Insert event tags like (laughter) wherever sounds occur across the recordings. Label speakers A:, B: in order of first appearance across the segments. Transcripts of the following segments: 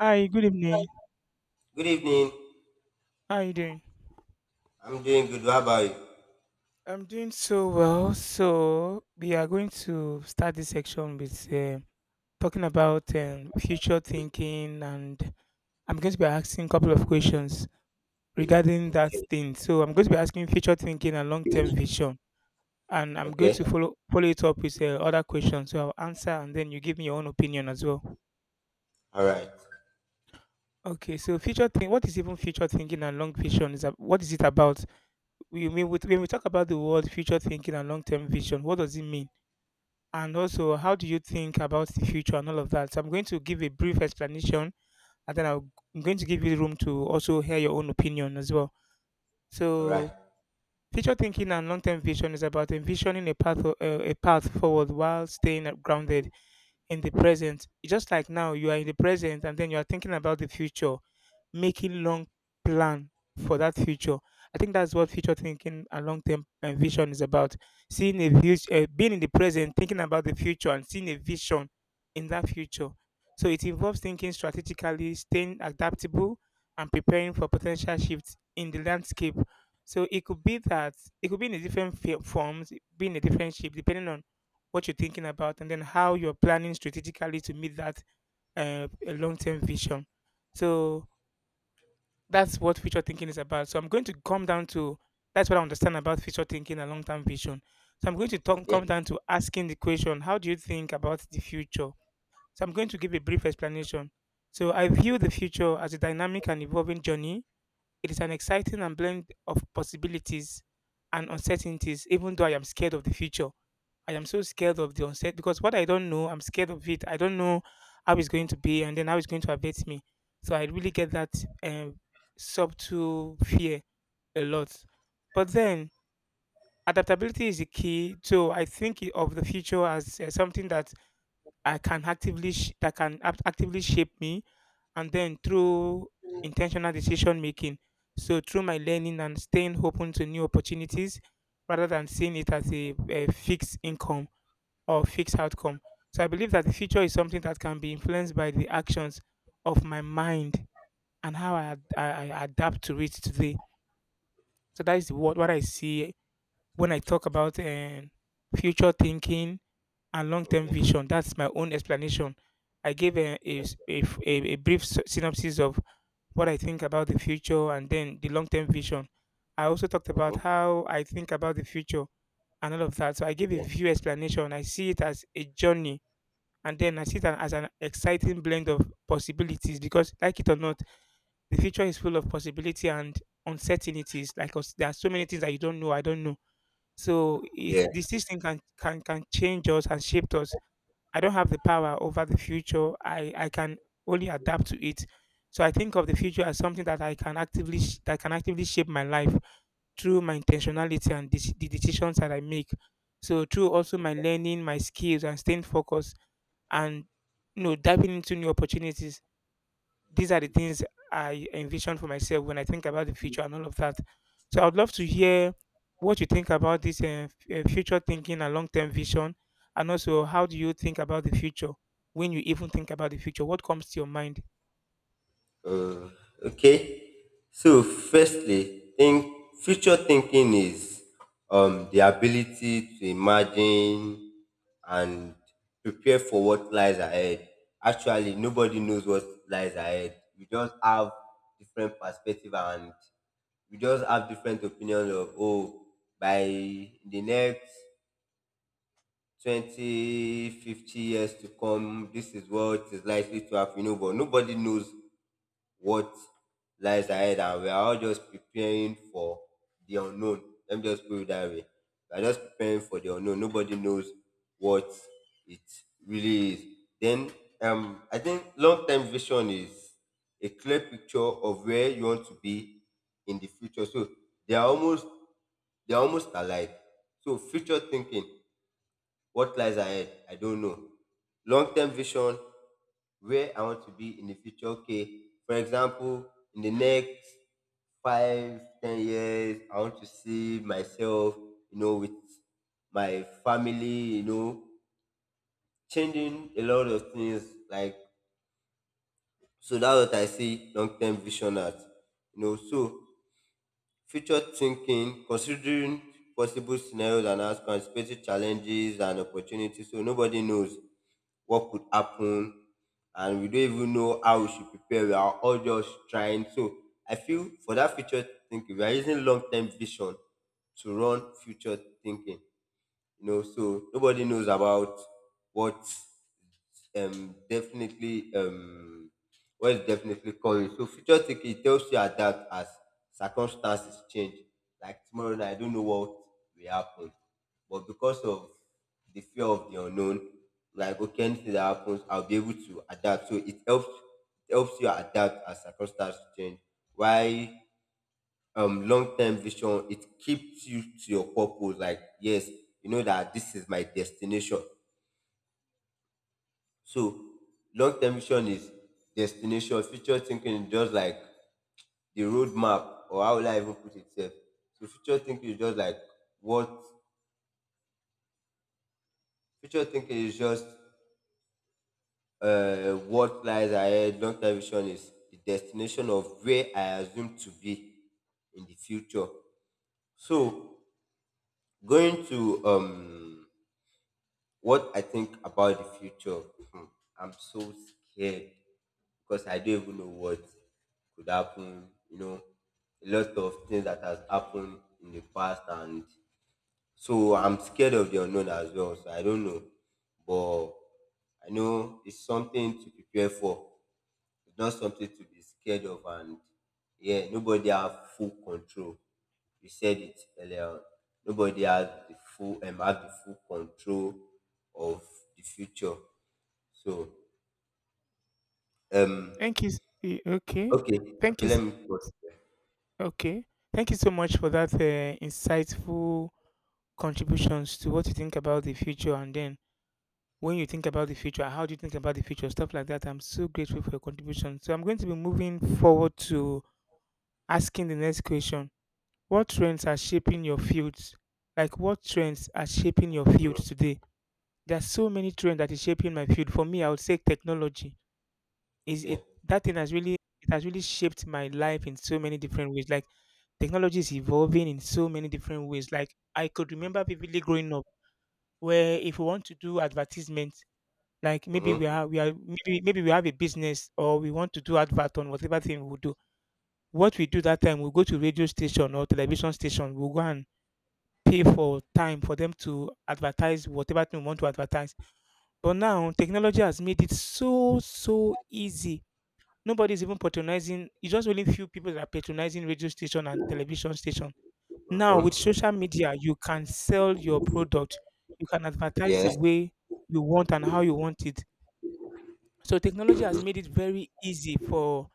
A: Hi, good evening.
B: Good evening.
A: How are you doing?
B: I'm doing good. How about you?
A: I'm doing so well. So we are going to start this section with talking about future thinking, and I'm going to be asking a couple of questions regarding that thing. So I'm going to be asking future thinking and long-term vision, and I'm going
B: Okay.
A: to follow it up with other questions. So I'll answer, and then you give me your own opinion as well.
B: All right.
A: Okay. So future think. What is even future thinking and long vision? What is it about? We mean with, when we talk about the word future thinking and long-term vision, what does it mean, and also how do you think about the future and all of that? So I'm going to give a brief explanation, and I'm going to give you room to also hear your own opinion as well.
B: All right.
A: So future thinking and long-term vision is about envisioning a path forward while staying grounded in the present. Just like now, you are in the present, and then you are thinking about the future, making long plan for that future. I think that's what future thinking and long term vision is about. Seeing a future, being in the present, thinking about the future, and seeing a vision in that future. So it involves thinking strategically, staying adaptable, and preparing for potential shifts in the landscape. So it could be that it could be in a forms, be in a different shape, depending on what you're thinking about, and then how you're planning strategically to meet that uh, long term vision. So that's what future thinking is about. So I'm going to come down to that's what I understand about future thinking and long term vision. So I'm going to talk,
B: Okay.
A: come down to asking the question, how do you think about the future? So I'm going to give a brief explanation. So I view the future as a dynamic and evolving journey. It is an exciting and blend of possibilities and uncertainties, even though I am scared of the future. I am so scared of the onset because what I don't know, I'm scared of it. I don't know how it's going to be and then how it's going to affect me. So I really get that um, subtle fear a lot. But then adaptability is the key. So I think of the future as something that I can actively sh- that actively shape me, and then through intentional decision making. So through my learning and staying open to new opportunities, rather than seeing it as a fixed income or fixed outcome. So I believe that the future is something that can be influenced by the actions of my mind and how I adapt to it today. So that is what I see when I talk about future thinking and long term
B: Okay.
A: vision. That's my own explanation. I gave a, s- a f- a brief synopsis of what I think about the future and then the long term vision. I also talked about
B: Mm-hmm.
A: how I think about the future and all of that. So I gave a
B: Yeah.
A: few explanation. I see it as a journey, and then I see it as an exciting blend of possibilities because, like it or not, the future is full of possibility and uncertainties. Like us, there are so many things that you don't know. I don't know. So it,
B: Yeah.
A: this thing can change us and shape us. I don't have the power over the future. I can only adapt to it. So I think of the future as something that I can actively sh- that can actively shape my life through my intentionality and the decisions that I make. So through also my learning, my skills, and staying focused and diving into new opportunities. These are the things I envision for myself when I think about the future and all of that. So I'd love to hear what you think about this future thinking and long-term vision, and also how do you think about the future? When you even think about the future, what comes to your mind?
B: Uh, okay. So, firstly, think future thinking is the ability to imagine and prepare for what lies ahead. Actually, nobody knows what lies ahead. We just have different perspective, and we just have different opinions of, oh, by the next 20 to 50 years to come, this is what is likely to happen. You know, but nobody knows what lies ahead, and we are all just preparing for the unknown. Let me just put it that way. We are just preparing for the unknown. Nobody knows what it really is. Then, I think long-term vision is a clear picture of where you want to be in the future. So they are almost they are almost alike. So future thinking, what lies ahead, I don't know. Long term vision, where I want to be in the future. Okay, for example, in the next 5, 10 years, I want to see myself, with my family, changing a lot of things. Like, so that's what I see long term vision as. So future thinking, considering possible scenarios and outcomes, anticipating challenges and opportunities. So nobody knows what could happen, and we don't even know how we should prepare. We are all just trying. So I feel for that future thinking, we are using long term vision to run future thinking. So nobody knows about what, definitely, what is definitely calling. So future thinking tells you adapt as circumstances change. Like, tomorrow night I don't know what will happen, but because of the fear of the unknown, like, okay, anything that happens I'll be able to adapt. So it helps you adapt as circumstances change. Why? Long term vision, it keeps you to your purpose. Like, yes, you know that this is my destination. So long term vision is destination, future thinking is just like the roadmap, or how will I even put it sef? So future thinking is just like what. Future thinking is just, what lies ahead. Long term vision is the destination of where I assume to be in the future. So going to What I think about the future, hmm, I'm so scared because I don't even know what could happen. You know, a lot of things that has happened in the past, and so I'm scared of the unknown as well. So I don't know, but I know it's something to prepare for. It's not something to be scared of, and yeah, nobody has full control. You said it earlier on. Nobody has the full control of the future. So um
A: Thank you s- eh, okay
B: okay.
A: thank
B: Okay.
A: you s-
B: Let me put.
A: s- okay Thank you so much for that insightful contributions to what you think about the future, and then when you think about the future, how do you think about the future, stuff like that. I'm so grateful for your contribution. So I'm going to be moving forward to asking the next question. What trends are shaping your fields? Like what trends are shaping your field today? There's so many trends that is shaping my field. For me, I would say technology is it
B: Okay.
A: that thing has really it has really shaped my life in so many different ways. Like technology is evolving in so many different ways. Like I could remember vividly growing up, where if you want to do advertisement. Like
B: Mm-hmm.
A: maybe we have a business, or we want to do advert on whatever thing we do. What we do that time, we go to radio station or television station. We will go and pay for time for them to advertise whatever thing we want to advertise. But now technology has made it so easy. Nobody's even patronizing. It's just only few people that are patronizing radio station and television station. Now with
B: Mm-hmm.
A: social media, you can sell your product. You can advertise the
B: Yes.
A: way you want and how you want it. So technology has made it very easy for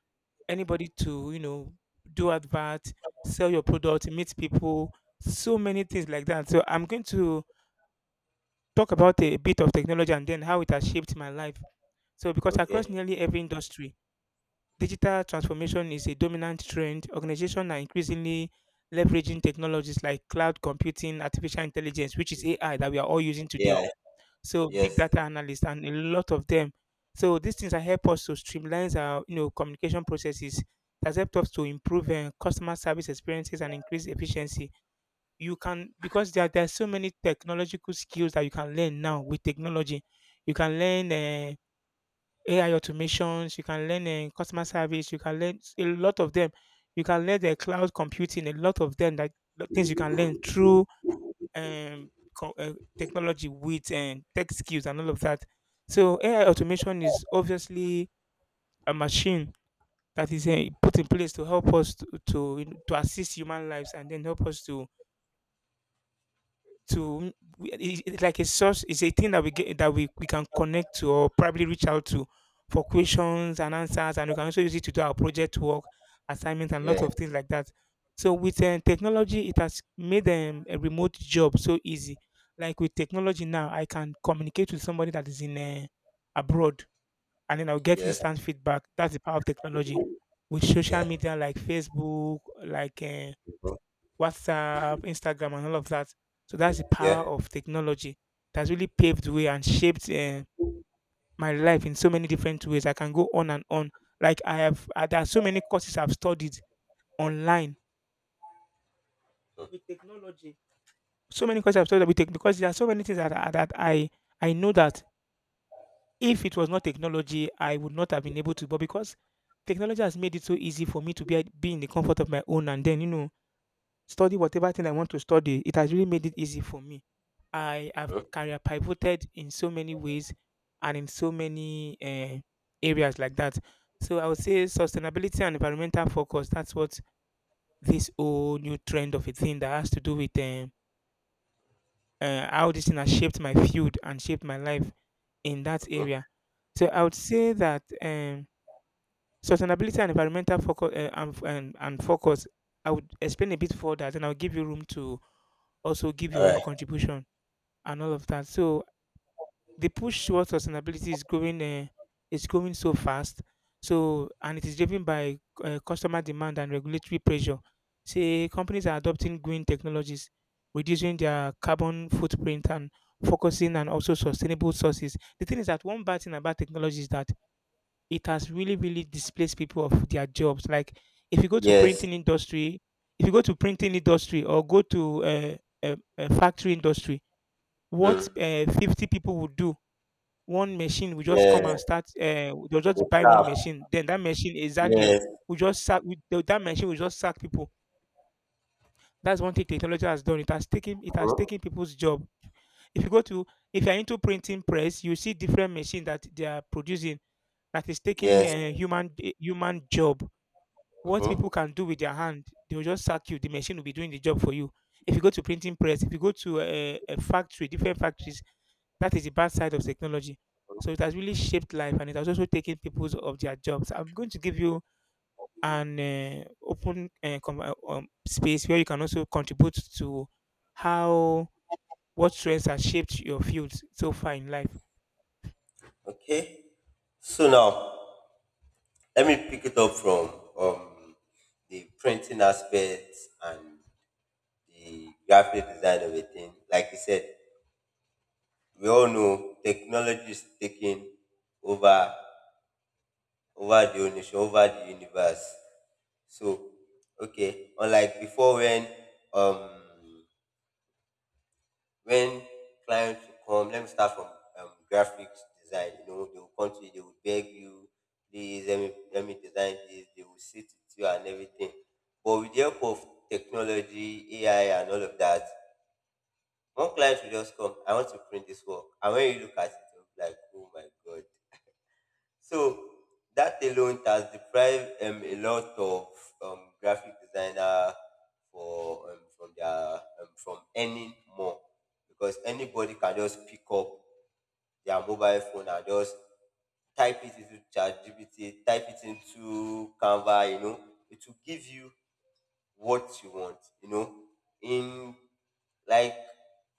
A: anybody to, you know, do advert, sell your product, meet people, so many things like that. So I'm going to talk about a bit of technology and then how it has shaped my life. So because
B: Okay.
A: across nearly every industry, digital transformation is a dominant trend. Organizations are increasingly leveraging technologies like cloud computing, artificial intelligence, which is AI, that we are all using today,
B: Yeah.
A: so big
B: Yes.
A: data analysts and a lot of them. So these things that help us to streamline our, you know, communication processes. That helped us to improve customer service experiences and increase efficiency. You can, because there are so many technological skills that you can learn now with technology. You can learn AI automations. You can learn customer service. You can learn a lot of them. You can learn the cloud computing. A lot of them that things you can learn through um, technology with and tech skills and all of that. So AI automation is obviously a machine that is put in place to help us to assist human lives and then help us it's like a source. It's a thing that we get that we can connect to or probably reach out to for questions and answers, and we can also use it to do our project work, assignments, and
B: Yeah.
A: lots of things like that. So with technology, it has made a remote job so easy. Like with technology now, I can communicate with somebody that is in abroad, and then I'll get
B: Yes.
A: instant feedback. That's the power of technology. With social
B: Yeah.
A: media, like Facebook, like
B: Mhm.
A: WhatsApp, Instagram, and all of that. So that's the
B: Yeah.
A: power of technology. It has really paved the way and shaped my life in so many different ways. I can go on and on. Like there are so many courses I've studied online with technology. So many courses I've studied with tech, because there are so many things that I know that if it was not technology, I would not have been able to. But because technology has made it so easy for me to be in the comfort of my own, and then, you know, study whatever thing I want to study. It has really made it easy for me. I have career pivoted in so many ways and in so many areas like that. So I would say sustainability and environmental focus. That's what this whole new trend of a thing that has to do with how this thing has shaped my field and shaped my life in that
B: Mm-hmm.
A: area. So I would say that sustainability and environmental focus and focus. I would explain a bit further, and I'll give you room to also give
B: All
A: your own
B: right.
A: contribution and all of that. So the push towards sustainability is growing so fast so, and it is driven by customer demand and regulatory pressure. Say companies are adopting green technologies, reducing their carbon footprint, and focusing on also sustainable sources. The thing is that one bad thing about technology is that it has really really displaced people of their jobs. Like, if you go to
B: Yes.
A: printing industry, if you go to printing industry or go to a factory industry, what
B: Mm.
A: 50 people would do, one machine will just
B: Yeah.
A: come and start. They'll
B: The
A: just buy one
B: staff.
A: machine, then that machine exactly
B: Yes.
A: will just sack with that machine will just sack people. That's one thing technology has done. It has taken
B: Mhm.
A: people's job. If you go to, if you're into printing press, you see different machine that they are producing that is taking
B: Yes.
A: human human job. What people
B: Mm-hmm.
A: can do with their hand, they will just sack you. The machine will be doing the job for you. If you go to printing press, if you go to a factory, different factories, that is the bad side of technology. So it has really shaped life, and it has also taken people of their jobs. I'm going to give you an open space where you can also contribute to how, what trends have shaped your field so far in life.
B: Okay. So now let me pick it up from um, the printing aspect and the graphic design of a thing. Like you said, we all know technology is taking over over the whole nation, over the universe. So okay, unlike before um when clients will come, let me start from graphics design. You know, they will come to you, they will beg you, please let me design this. They will sit with you and everything. But with the help of technology, AI, and all of that, one client will just come. I want to print this work, and when you look at it, you'll be like, oh my god. So that alone has deprived a lot of graphic designer for from their from earning more because anybody can just pick up their mobile phone and just type it into ChatGPT, type it into Canva. It will give you what you want. You know, in Like,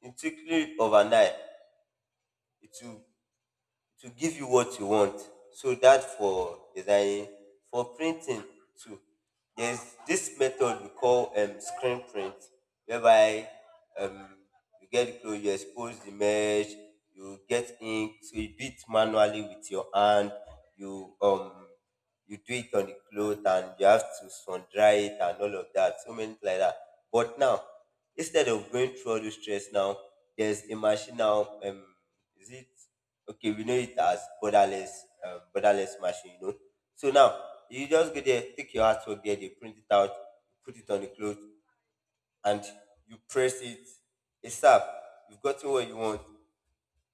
B: it quickly overnight. It will to give you what you want. So that for designing, for printing too. There's this method we call screen print, whereby um, you get close, you expose the mesh, you get ink, so you do it manually with your hand. You um you do it on the cloth, and you have to sun dry it and all of that, so many things like that. But now, instead of going through all this stress now, there's a machine now. Is it okay? We know it as borderless, borderless machine, you know. So now you just go there, take your artwork there, they print it out, put it on the cloth, and you press it. It's up. You've gotten what you want.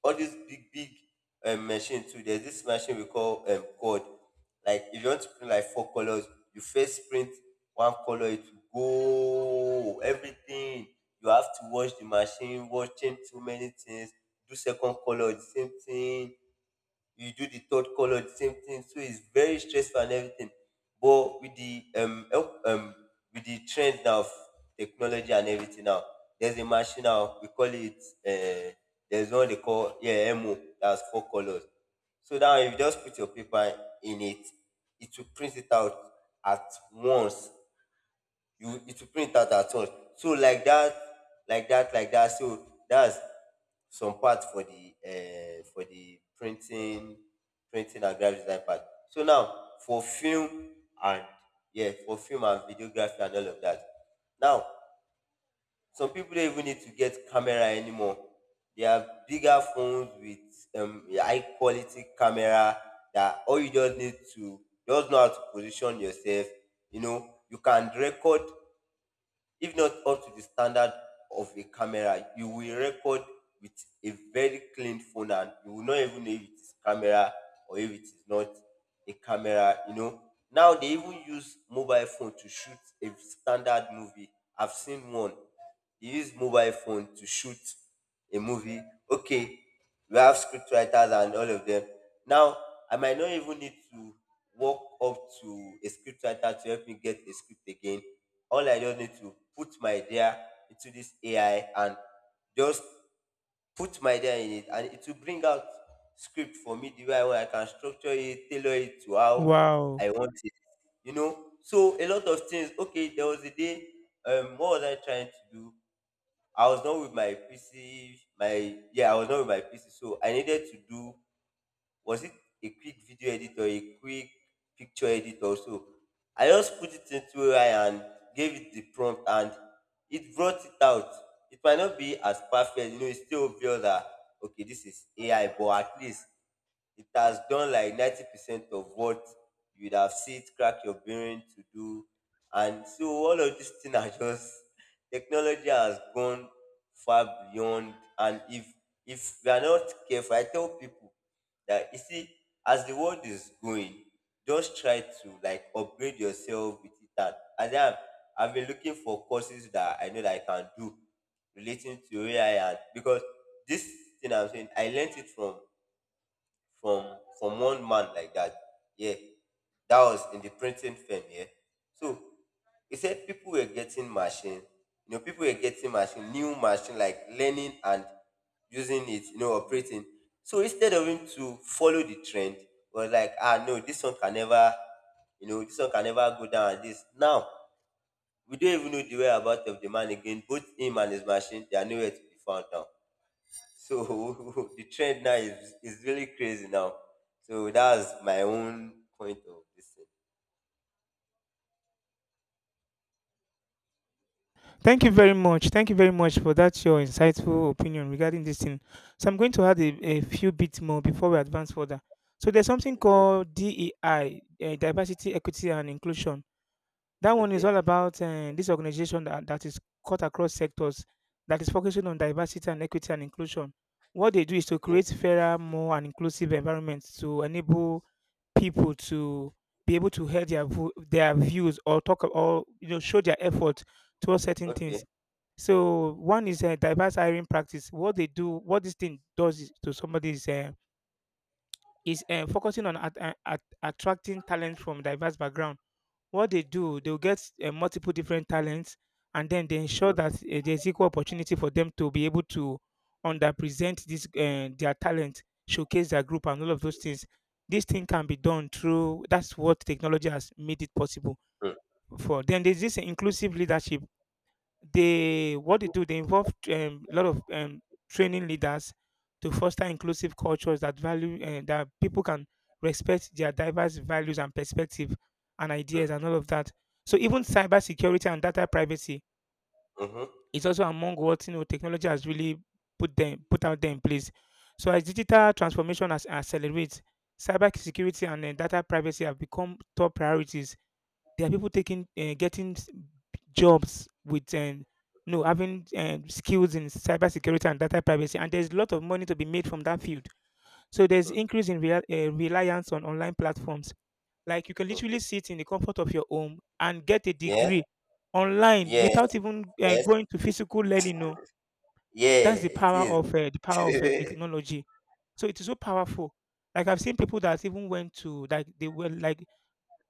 B: All these big big machine too. There's this machine we call code. Like, if you want to print like four colors, you first print one color, it will go everything. You have to wash the machine, wash change too many things. Do second color, the same thing, you do the third color, the same thing. So it's very stressful and everything. But with the trend now of technology and everything now, there's a machine now we call it, there's one they call, yeah, MO, that's four colors. So now if you just put your paper in it, it will print it out at once. You it will print out at all, so like that, like that, like that. So that's some part for the, for the printing and graphic design part. So now and yeah for film and videography and all of that. Now some people don't even need to get camera anymore. They have bigger phones with high quality camera, that all you just need to just know how to position yourself. You can record, if not up to the standard of a camera, you will record with a very clean phone, and you will not even know if it is camera or if it is not a camera, you know. Now they even use mobile phone to shoot a standard movie. I've seen one. They use mobile phone to shoot a movie. Okay, we have scriptwriters and all of them. Now I might not even need to walk up to a scriptwriter to help me get a script again. All I just need to put my data into this AI, and just put my data in it, and it will bring out script for me the way I want. I can structure it, tailor it to how
A: Wow.
B: I want it. You know, so a lot of things. Okay, there was a day. What was I trying to do? I was not with my PC. I was not with my PC, so I needed to do, was it a quick video editor, a quick picture editor? So I just put it into AI and gave it the prompt, and it brought it out. It might not be as perfect, you know, it's still obvious that okay, this is AI, but at least it has done like 90% of what you would have seen it crack your brain to do. And so all of these things are just (laughs) technology has gone far beyond. And if we are not careful, I tell people that you see, as the world is going, just try to like upgrade yourself with it. And then I've been looking for courses that I know that I can do relating to AI, and because this thing I'm saying, I learned it from from one man like that. Yeah, that was in the printing firm. Yeah, so he said people were getting machine. People were getting machine, new machine, like learning and using it. You know, operating. So instead of him to follow the trend, was like, ah, no, this one can never, this one can never go down. Like this now, we don't even know the whereabouts of the man again. Both him and his machine, they are nowhere to be found now. So (laughs) the trend now is really crazy now. So that's my own point of this thing.
A: Thank you very much. Thank you very much for that your insightful opinion regarding this thing. So I'm going to add a few bits more before we advance further. So there's something
B: Yeah. Okay.
A: called DEI, diversity, equity, and inclusion. That one is
B: Okay.
A: all about this organization that, is cut across sectors, that is focusing on diversity and equity and inclusion. What they do is to
B: Okay.
A: create fairer, more and inclusive environments to enable people to be able to hear their their views or talk or, you know, show their effort towards certain things.
B: Okay.
A: So one is a diverse hiring practice. What they do, what this thing does is, to somebody, is focusing on attracting talent from diverse background. What they do, they'll get multiple different talents, and then they ensure
B: Mm-hmm.
A: that there's equal opportunity for them to be able to underpresent this their talent, showcase their group, and all of those things. This thing can be done through. That's what technology has made it possible
B: Mm-hmm.
A: for. Then there's this inclusive leadership. They, what they do, they involve a lot of training leaders to foster inclusive cultures that value that people can respect their diverse values and perspective and ideas and all of that. So even cybersecurity and data privacy
B: Mm-hmm.
A: is also among what, you know, technology has really put them, put out there in place. So as
B: Mm.
A: digital transformation has accelerates, cybersecurity and data privacy have become top priorities. There are people taking getting jobs with no having skills in cybersecurity and data privacy, and there's a lot of money to be made from that field. So there's
B: Mm.
A: increase in reliance on online platforms. Like, you can
B: Mm.
A: literally sit in the comfort of your home and get a
B: Yes.
A: degree online
B: Yes.
A: without even
B: Yes.
A: going to physical learning. No,
B: Yeah.
A: that's
B: It is.
A: the power of
B: (laughs)
A: technology. So it is so powerful. Like, I've seen people that even went to, like, they were like,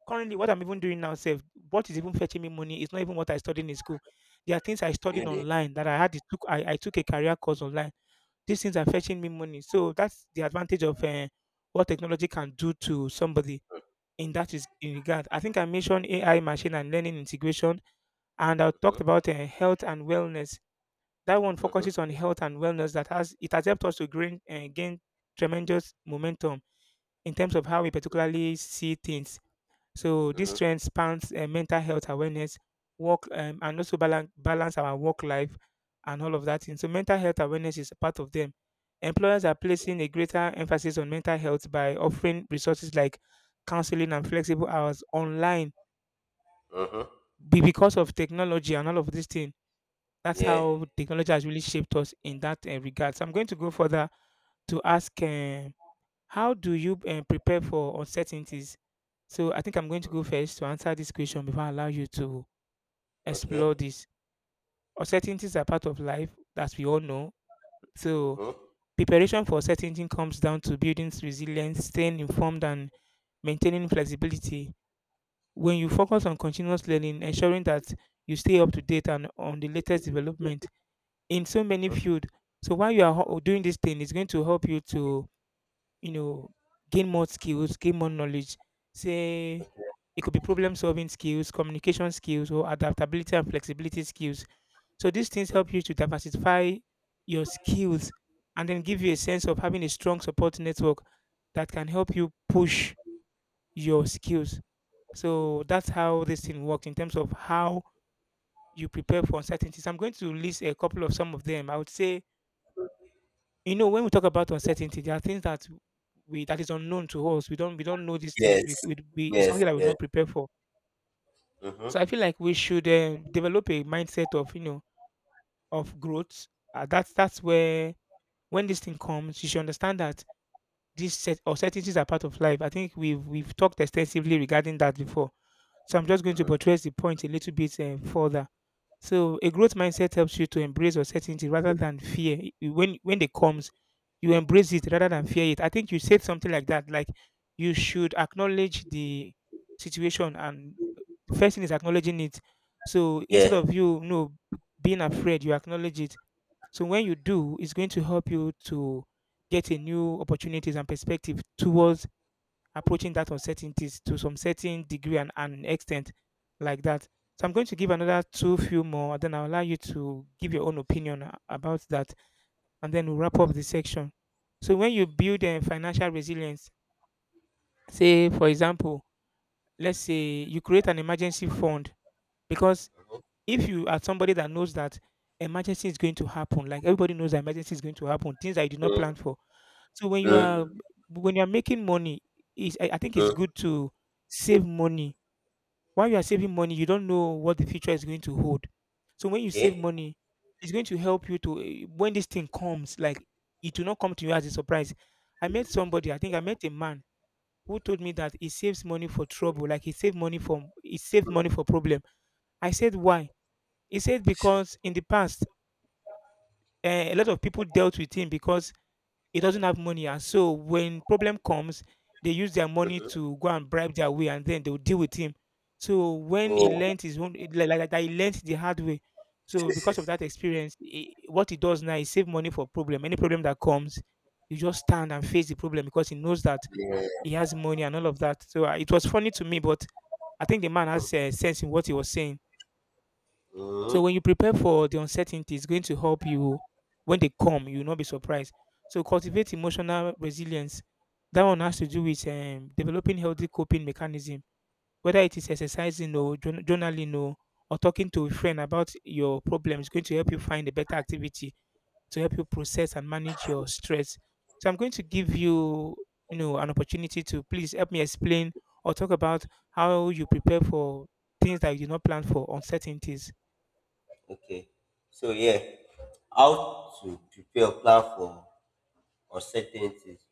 A: currently what I'm even doing now self, what is even fetching me money is not even what I studied in school. There are things I studied
B: Really.
A: online that I had to took, I took a career course online. These things are fetching me money. So that's the advantage of what technology can do to somebody in that is in regard. I think I mentioned AI, machine and learning integration, and I talked
B: Mm-hmm.
A: about health and wellness. That one focuses
B: Mm-hmm.
A: on health and wellness. That has, it has helped us to gain tremendous momentum in terms of how we particularly see things. So this
B: Mm-hmm.
A: trend spans mental health awareness, work, and also balance our work life and all of that. Thing. So mental health awareness is a part of them. Employers are placing a greater emphasis on mental health by offering resources like counseling and flexible hours online
B: Mm-hmm.
A: because of technology and all of this thing. That's
B: Yeah.
A: how technology has really shaped us in that regard. So I'm going to go further to ask. How do you prepare for uncertainties? So I think I'm going to go first to answer this question before I allow you to explore
B: Okay.
A: this. Uncertainties are part of life, as we all know. So
B: Mm-hmm.
A: preparation for uncertainty comes down to building resilience, staying informed, and maintaining flexibility. When you
B: Mm-hmm.
A: focus on continuous learning, ensuring that you stay up to date and on the latest development in so many
B: Mm-hmm.
A: fields. So while you are doing this thing, it's going to help you to, you know, gain more skills, gain more knowledge. Say it could be problem solving skills, communication skills, or adaptability and flexibility skills. So these things
B: Mm-hmm.
A: help you to diversify your skills, and then give you a sense of having a strong support network that can help you push your skills. So that's how this thing works in terms of how you prepare for uncertainties. I'm going to list a couple of some of them. I would say, you know, when we talk about uncertainty, there are things that we that is unknown to us. We don't, we don't know these things.
B: Yes.
A: We it's
B: Yes.
A: something that we're
B: Yes.
A: not prepared for.
B: Mm-hmm.
A: So I feel like we should develop a mindset of, you know, of growth, that's where when this thing comes, you should understand that these set uncertainties are part of life. I think we've talked extensively regarding that before. So I'm just going to
B: Mm-hmm.
A: buttress the point a little bit further. So a growth mindset helps you to embrace uncertainty rather than fear. When it comes, you embrace it rather than fear it. I think you said something like that. Like, you should acknowledge the situation, and the first thing is acknowledging it. So instead
B: Yeah.
A: of you, you know, being afraid, you acknowledge it. So when you do, it's going to help you to get a new opportunities and perspective towards approaching that uncertainties to some certain degree and extent like that. So I'm going to give another two few more, then I'll allow you to give your own opinion about that, and then we'll wrap up the section. So when you build a financial resilience, say for example, let's say you create an emergency fund, because if you are somebody that knows that emergency is going to happen, like everybody knows that emergency is going to happen, things that you did not
B: Mm-hmm.
A: plan for. So when you are, when you are making money, is I think it's
B: Mm-hmm.
A: good to save money. While you are saving money, you don't know what the future is going to hold. So when you save
B: Okay.
A: money, it's going to help you to when this thing comes, like, it will not come to you as a surprise. I met somebody, I think I met a man who told me that he saves money for trouble, like he saved money for, he saved money for problem. I said why? He said because in the past, a lot of people dealt with him because he doesn't have money, and so when problem comes, they use their money
B: Mhm.
A: to go and bribe their way, and then they will deal with him. So when he
B: Oh,
A: learnt his own, like, like, that, he learnt the hard way. So because of that experience, he, what he does now is save money for problem. Any problem that comes, you just stand and face the problem because he knows that
B: yeah.
A: he has money and all of that. So it was funny to me, but I think the man has sense in what he was saying. So
B: Mhm.
A: when you prepare for the uncertainty, it's going to help you when they come, you will not be surprised. So cultivate emotional resilience. That one has to do with developing healthy coping mechanism, whether it is exercising or journaling or talking to a friend about your problem is going to help you find a better activity to help you process and manage your stress. So I'm going to give you, you know, an opportunity to please help me explain or talk about how you prepare for things that you did not plan for, uncertainties.
B: Okay. So yeah, how to prepare a plan for uncertainties.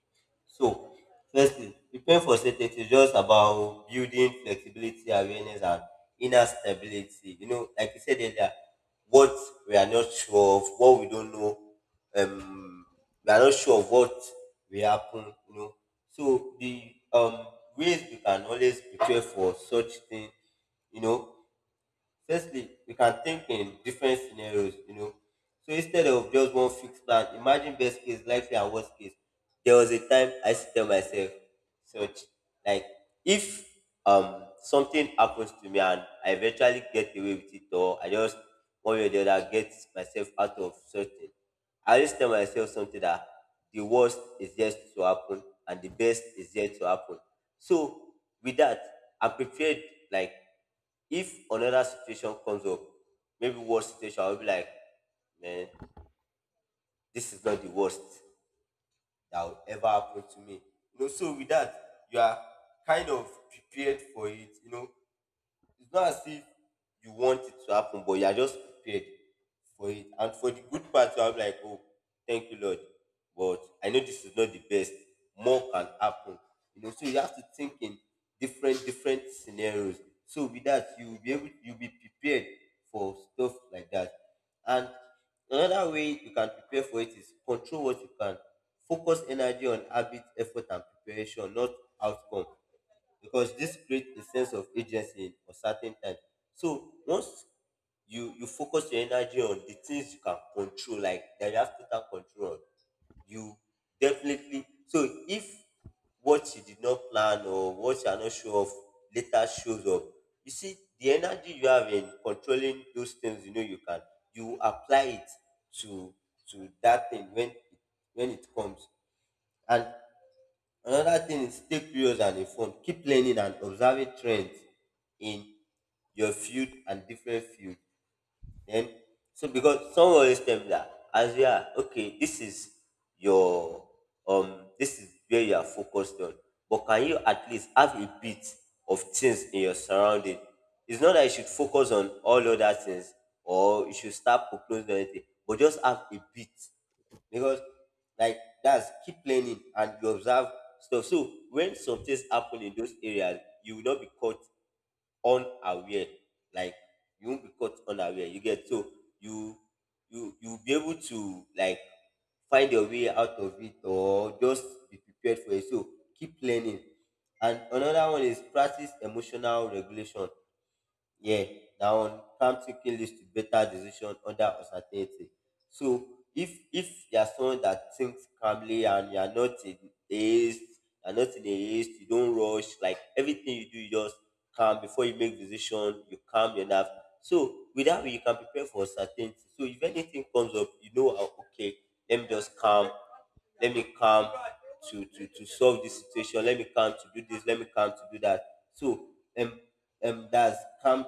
B: So, firstly, preparing for certainty is just about building flexibility, awareness, and inner stability. Like you said earlier, what we are not sure of, what we don't know, um, we are not sure of what will happen. So the ways we can always prepare for such thing, you know, Firstly, we can think in different scenarios. So instead of just one fixed plan, imagine best case, likely, and worst case. There was a time I used to tell myself, such like if something happens to me and I eventually get away with it, or I just one way or the other get myself out of certain, I just tell myself something, that the worst is yet to happen and the best is yet to happen. So with that, I'm prepared, like if another situation comes up, maybe worst situation, I'll be like, man, this is not the worst that will ever happen to me. You know, so with that, you are kind of prepared for it. It's not as if you want it to happen, but you are just prepared for it. And for the good part, I'm like, oh, thank you, Lord. But I know this is not the best. More can happen. You know, so you have to think in different, different scenarios. So with that, you'll be prepared for stuff like that. And another way you can prepare for it is control what you can. Focus energy on habit, effort, and preparation, not outcome, because this creates a sense of agency in uncertain times. So once you focus your energy on the things you can control, like that you have total control on, you definitely. So if what you did not plan or what you are not sure of later shows up, you see the energy you have in controlling those things you know you can, you apply it to to that thing when it comes. And another thing is take periods and inform. Keep learning and observing trends in your field and different field. Then so because some always tell me that as we are okay, this is your this is where you are focused on. But can you at least have a bit of things in your surrounding? It's not that you should focus on all other things or you should start proposing anything, but just have a bit, because like that's keep learning and you observe stuff, so when some things happen in those areas you will not be caught unaware, like you won't be caught unaware, you get? So you you'll be able to like find your way out of it or just be prepared for it. So keep learning. And another one is practice emotional regulation, yeah, down come thinking leads to better decision under uncertainty. So if you're someone that thinks calmly and you're not in haste, you're not in a haste, you don't rush, like everything you do, you just calm before you make decision, you calm your nerves. So with that way you can prepare for uncertainty. So if anything comes up, you know how, okay, let me just calm, let me calm to solve this situation, let me calm to do this, let me calm to do that. So um that's calm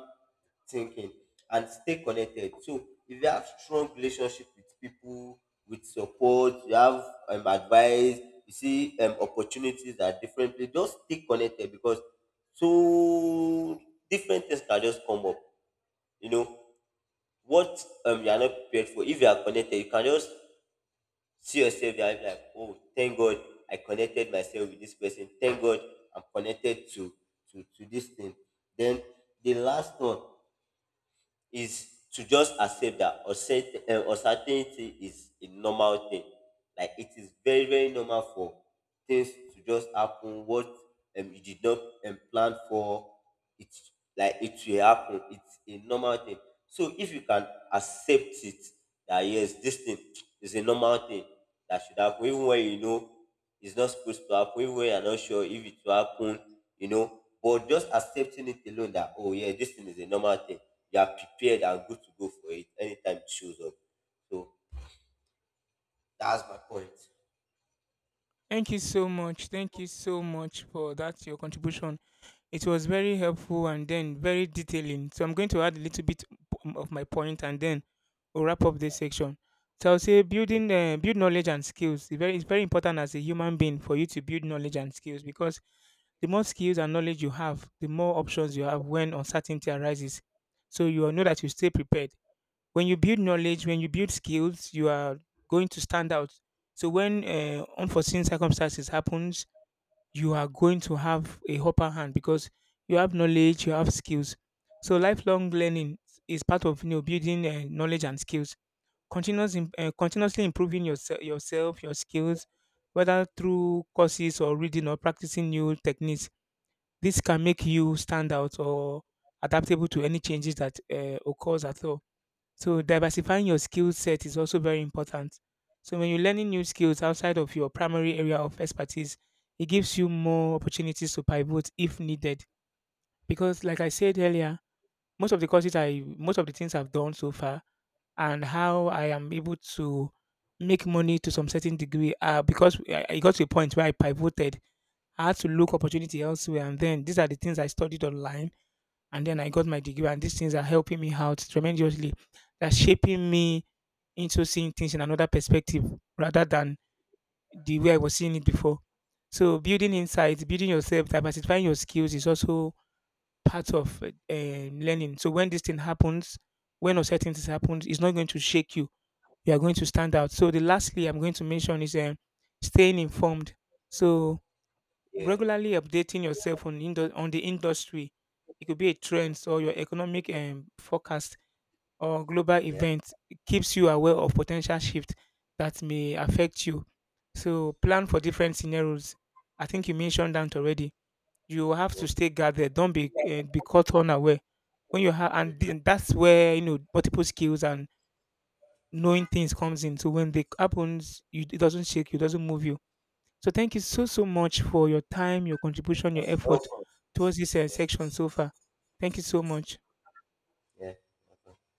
B: thinking. And stay connected. So if you have strong relationship with people, with support, you have advice, you see opportunities that differently, just stay connected, because so different things can just come up. You know, what you are not prepared for, if you are connected, you can just see yourself there and be like, oh, thank God I connected myself with this person. Thank God I'm connected to this thing. Then the last one is to just accept that uncertainty is a normal thing. Like it is very, very normal for things to just happen. What you did not plan for, it like it will happen. It's a normal thing. So if you can accept it, that yes, this thing is a normal thing that should happen, even when you know it's not supposed to happen, even when you're not sure if it will happen, you know. But just accepting it alone, that oh yeah, this thing is a normal thing, you are prepared and good to go for it anytime it shows up. So that's my point.
A: Thank you so much. Thank you so much for that your contribution. It was very helpful and then very detailing. So I'm going to add a little bit of my point, and then we'll wrap up this section. So I'll say
B: Okay.
A: building build knowledge and skills. It's very important as a human being for you to build knowledge and skills, because the more skills and knowledge you have, the more options you have when uncertainty arises. So you will know that you stay prepared. When you build knowledge, when you build skills, you are going to stand out. So when unforeseen circumstances happens, you are going to have a upper hand because you have knowledge, you have skills. So lifelong learning is part of, you know, building knowledge and skills. Continuously improving yourself, your skills, whether through courses or reading or practicing new techniques. This can make you stand out or adaptable to any changes that occurs at all. So diversifying your skill set is also very important. So when you're learning new skills outside of your primary area of expertise, it gives you more opportunities to pivot if needed. Because like I said earlier, most of the courses I most of the things I've done so far and how I am able to make money to some certain degree are because I got to a point where I pivoted. I had to look opportunity elsewhere, and then these are the things I studied online, and then I got my degree, and these things are helping me out tremendously. They're shaping me into seeing things in another perspective rather than the way I was seeing it before. So building insights, building yourself, diversifying your skills is also part of learning. So when this thing happens, when uncertainties happens, it's not going to shake you. You are going to stand out. So the lastly I'm going to mention is staying informed. So
B: Yeah.
A: regularly updating yourself on on the industry. It could be a
B: Mhm.
A: trend or your economic forecast or global
B: Yeah.
A: event keeps you aware of potential shift that may affect you. So plan for different scenarios. I think you mentioned that already. You have
B: Yeah.
A: to stay guarded. Don't be caught unaware. When you have, and
B: Hmm.
A: then that's where, you know, multiple skills and knowing things comes in. So when they happens, you, it doesn't shake you, it doesn't move you. So thank you so so much for your time, your contribution, your effort
B: Welcome.
A: towards this
B: Yeah.
A: section so far. Thank you so much.
B: Yeah.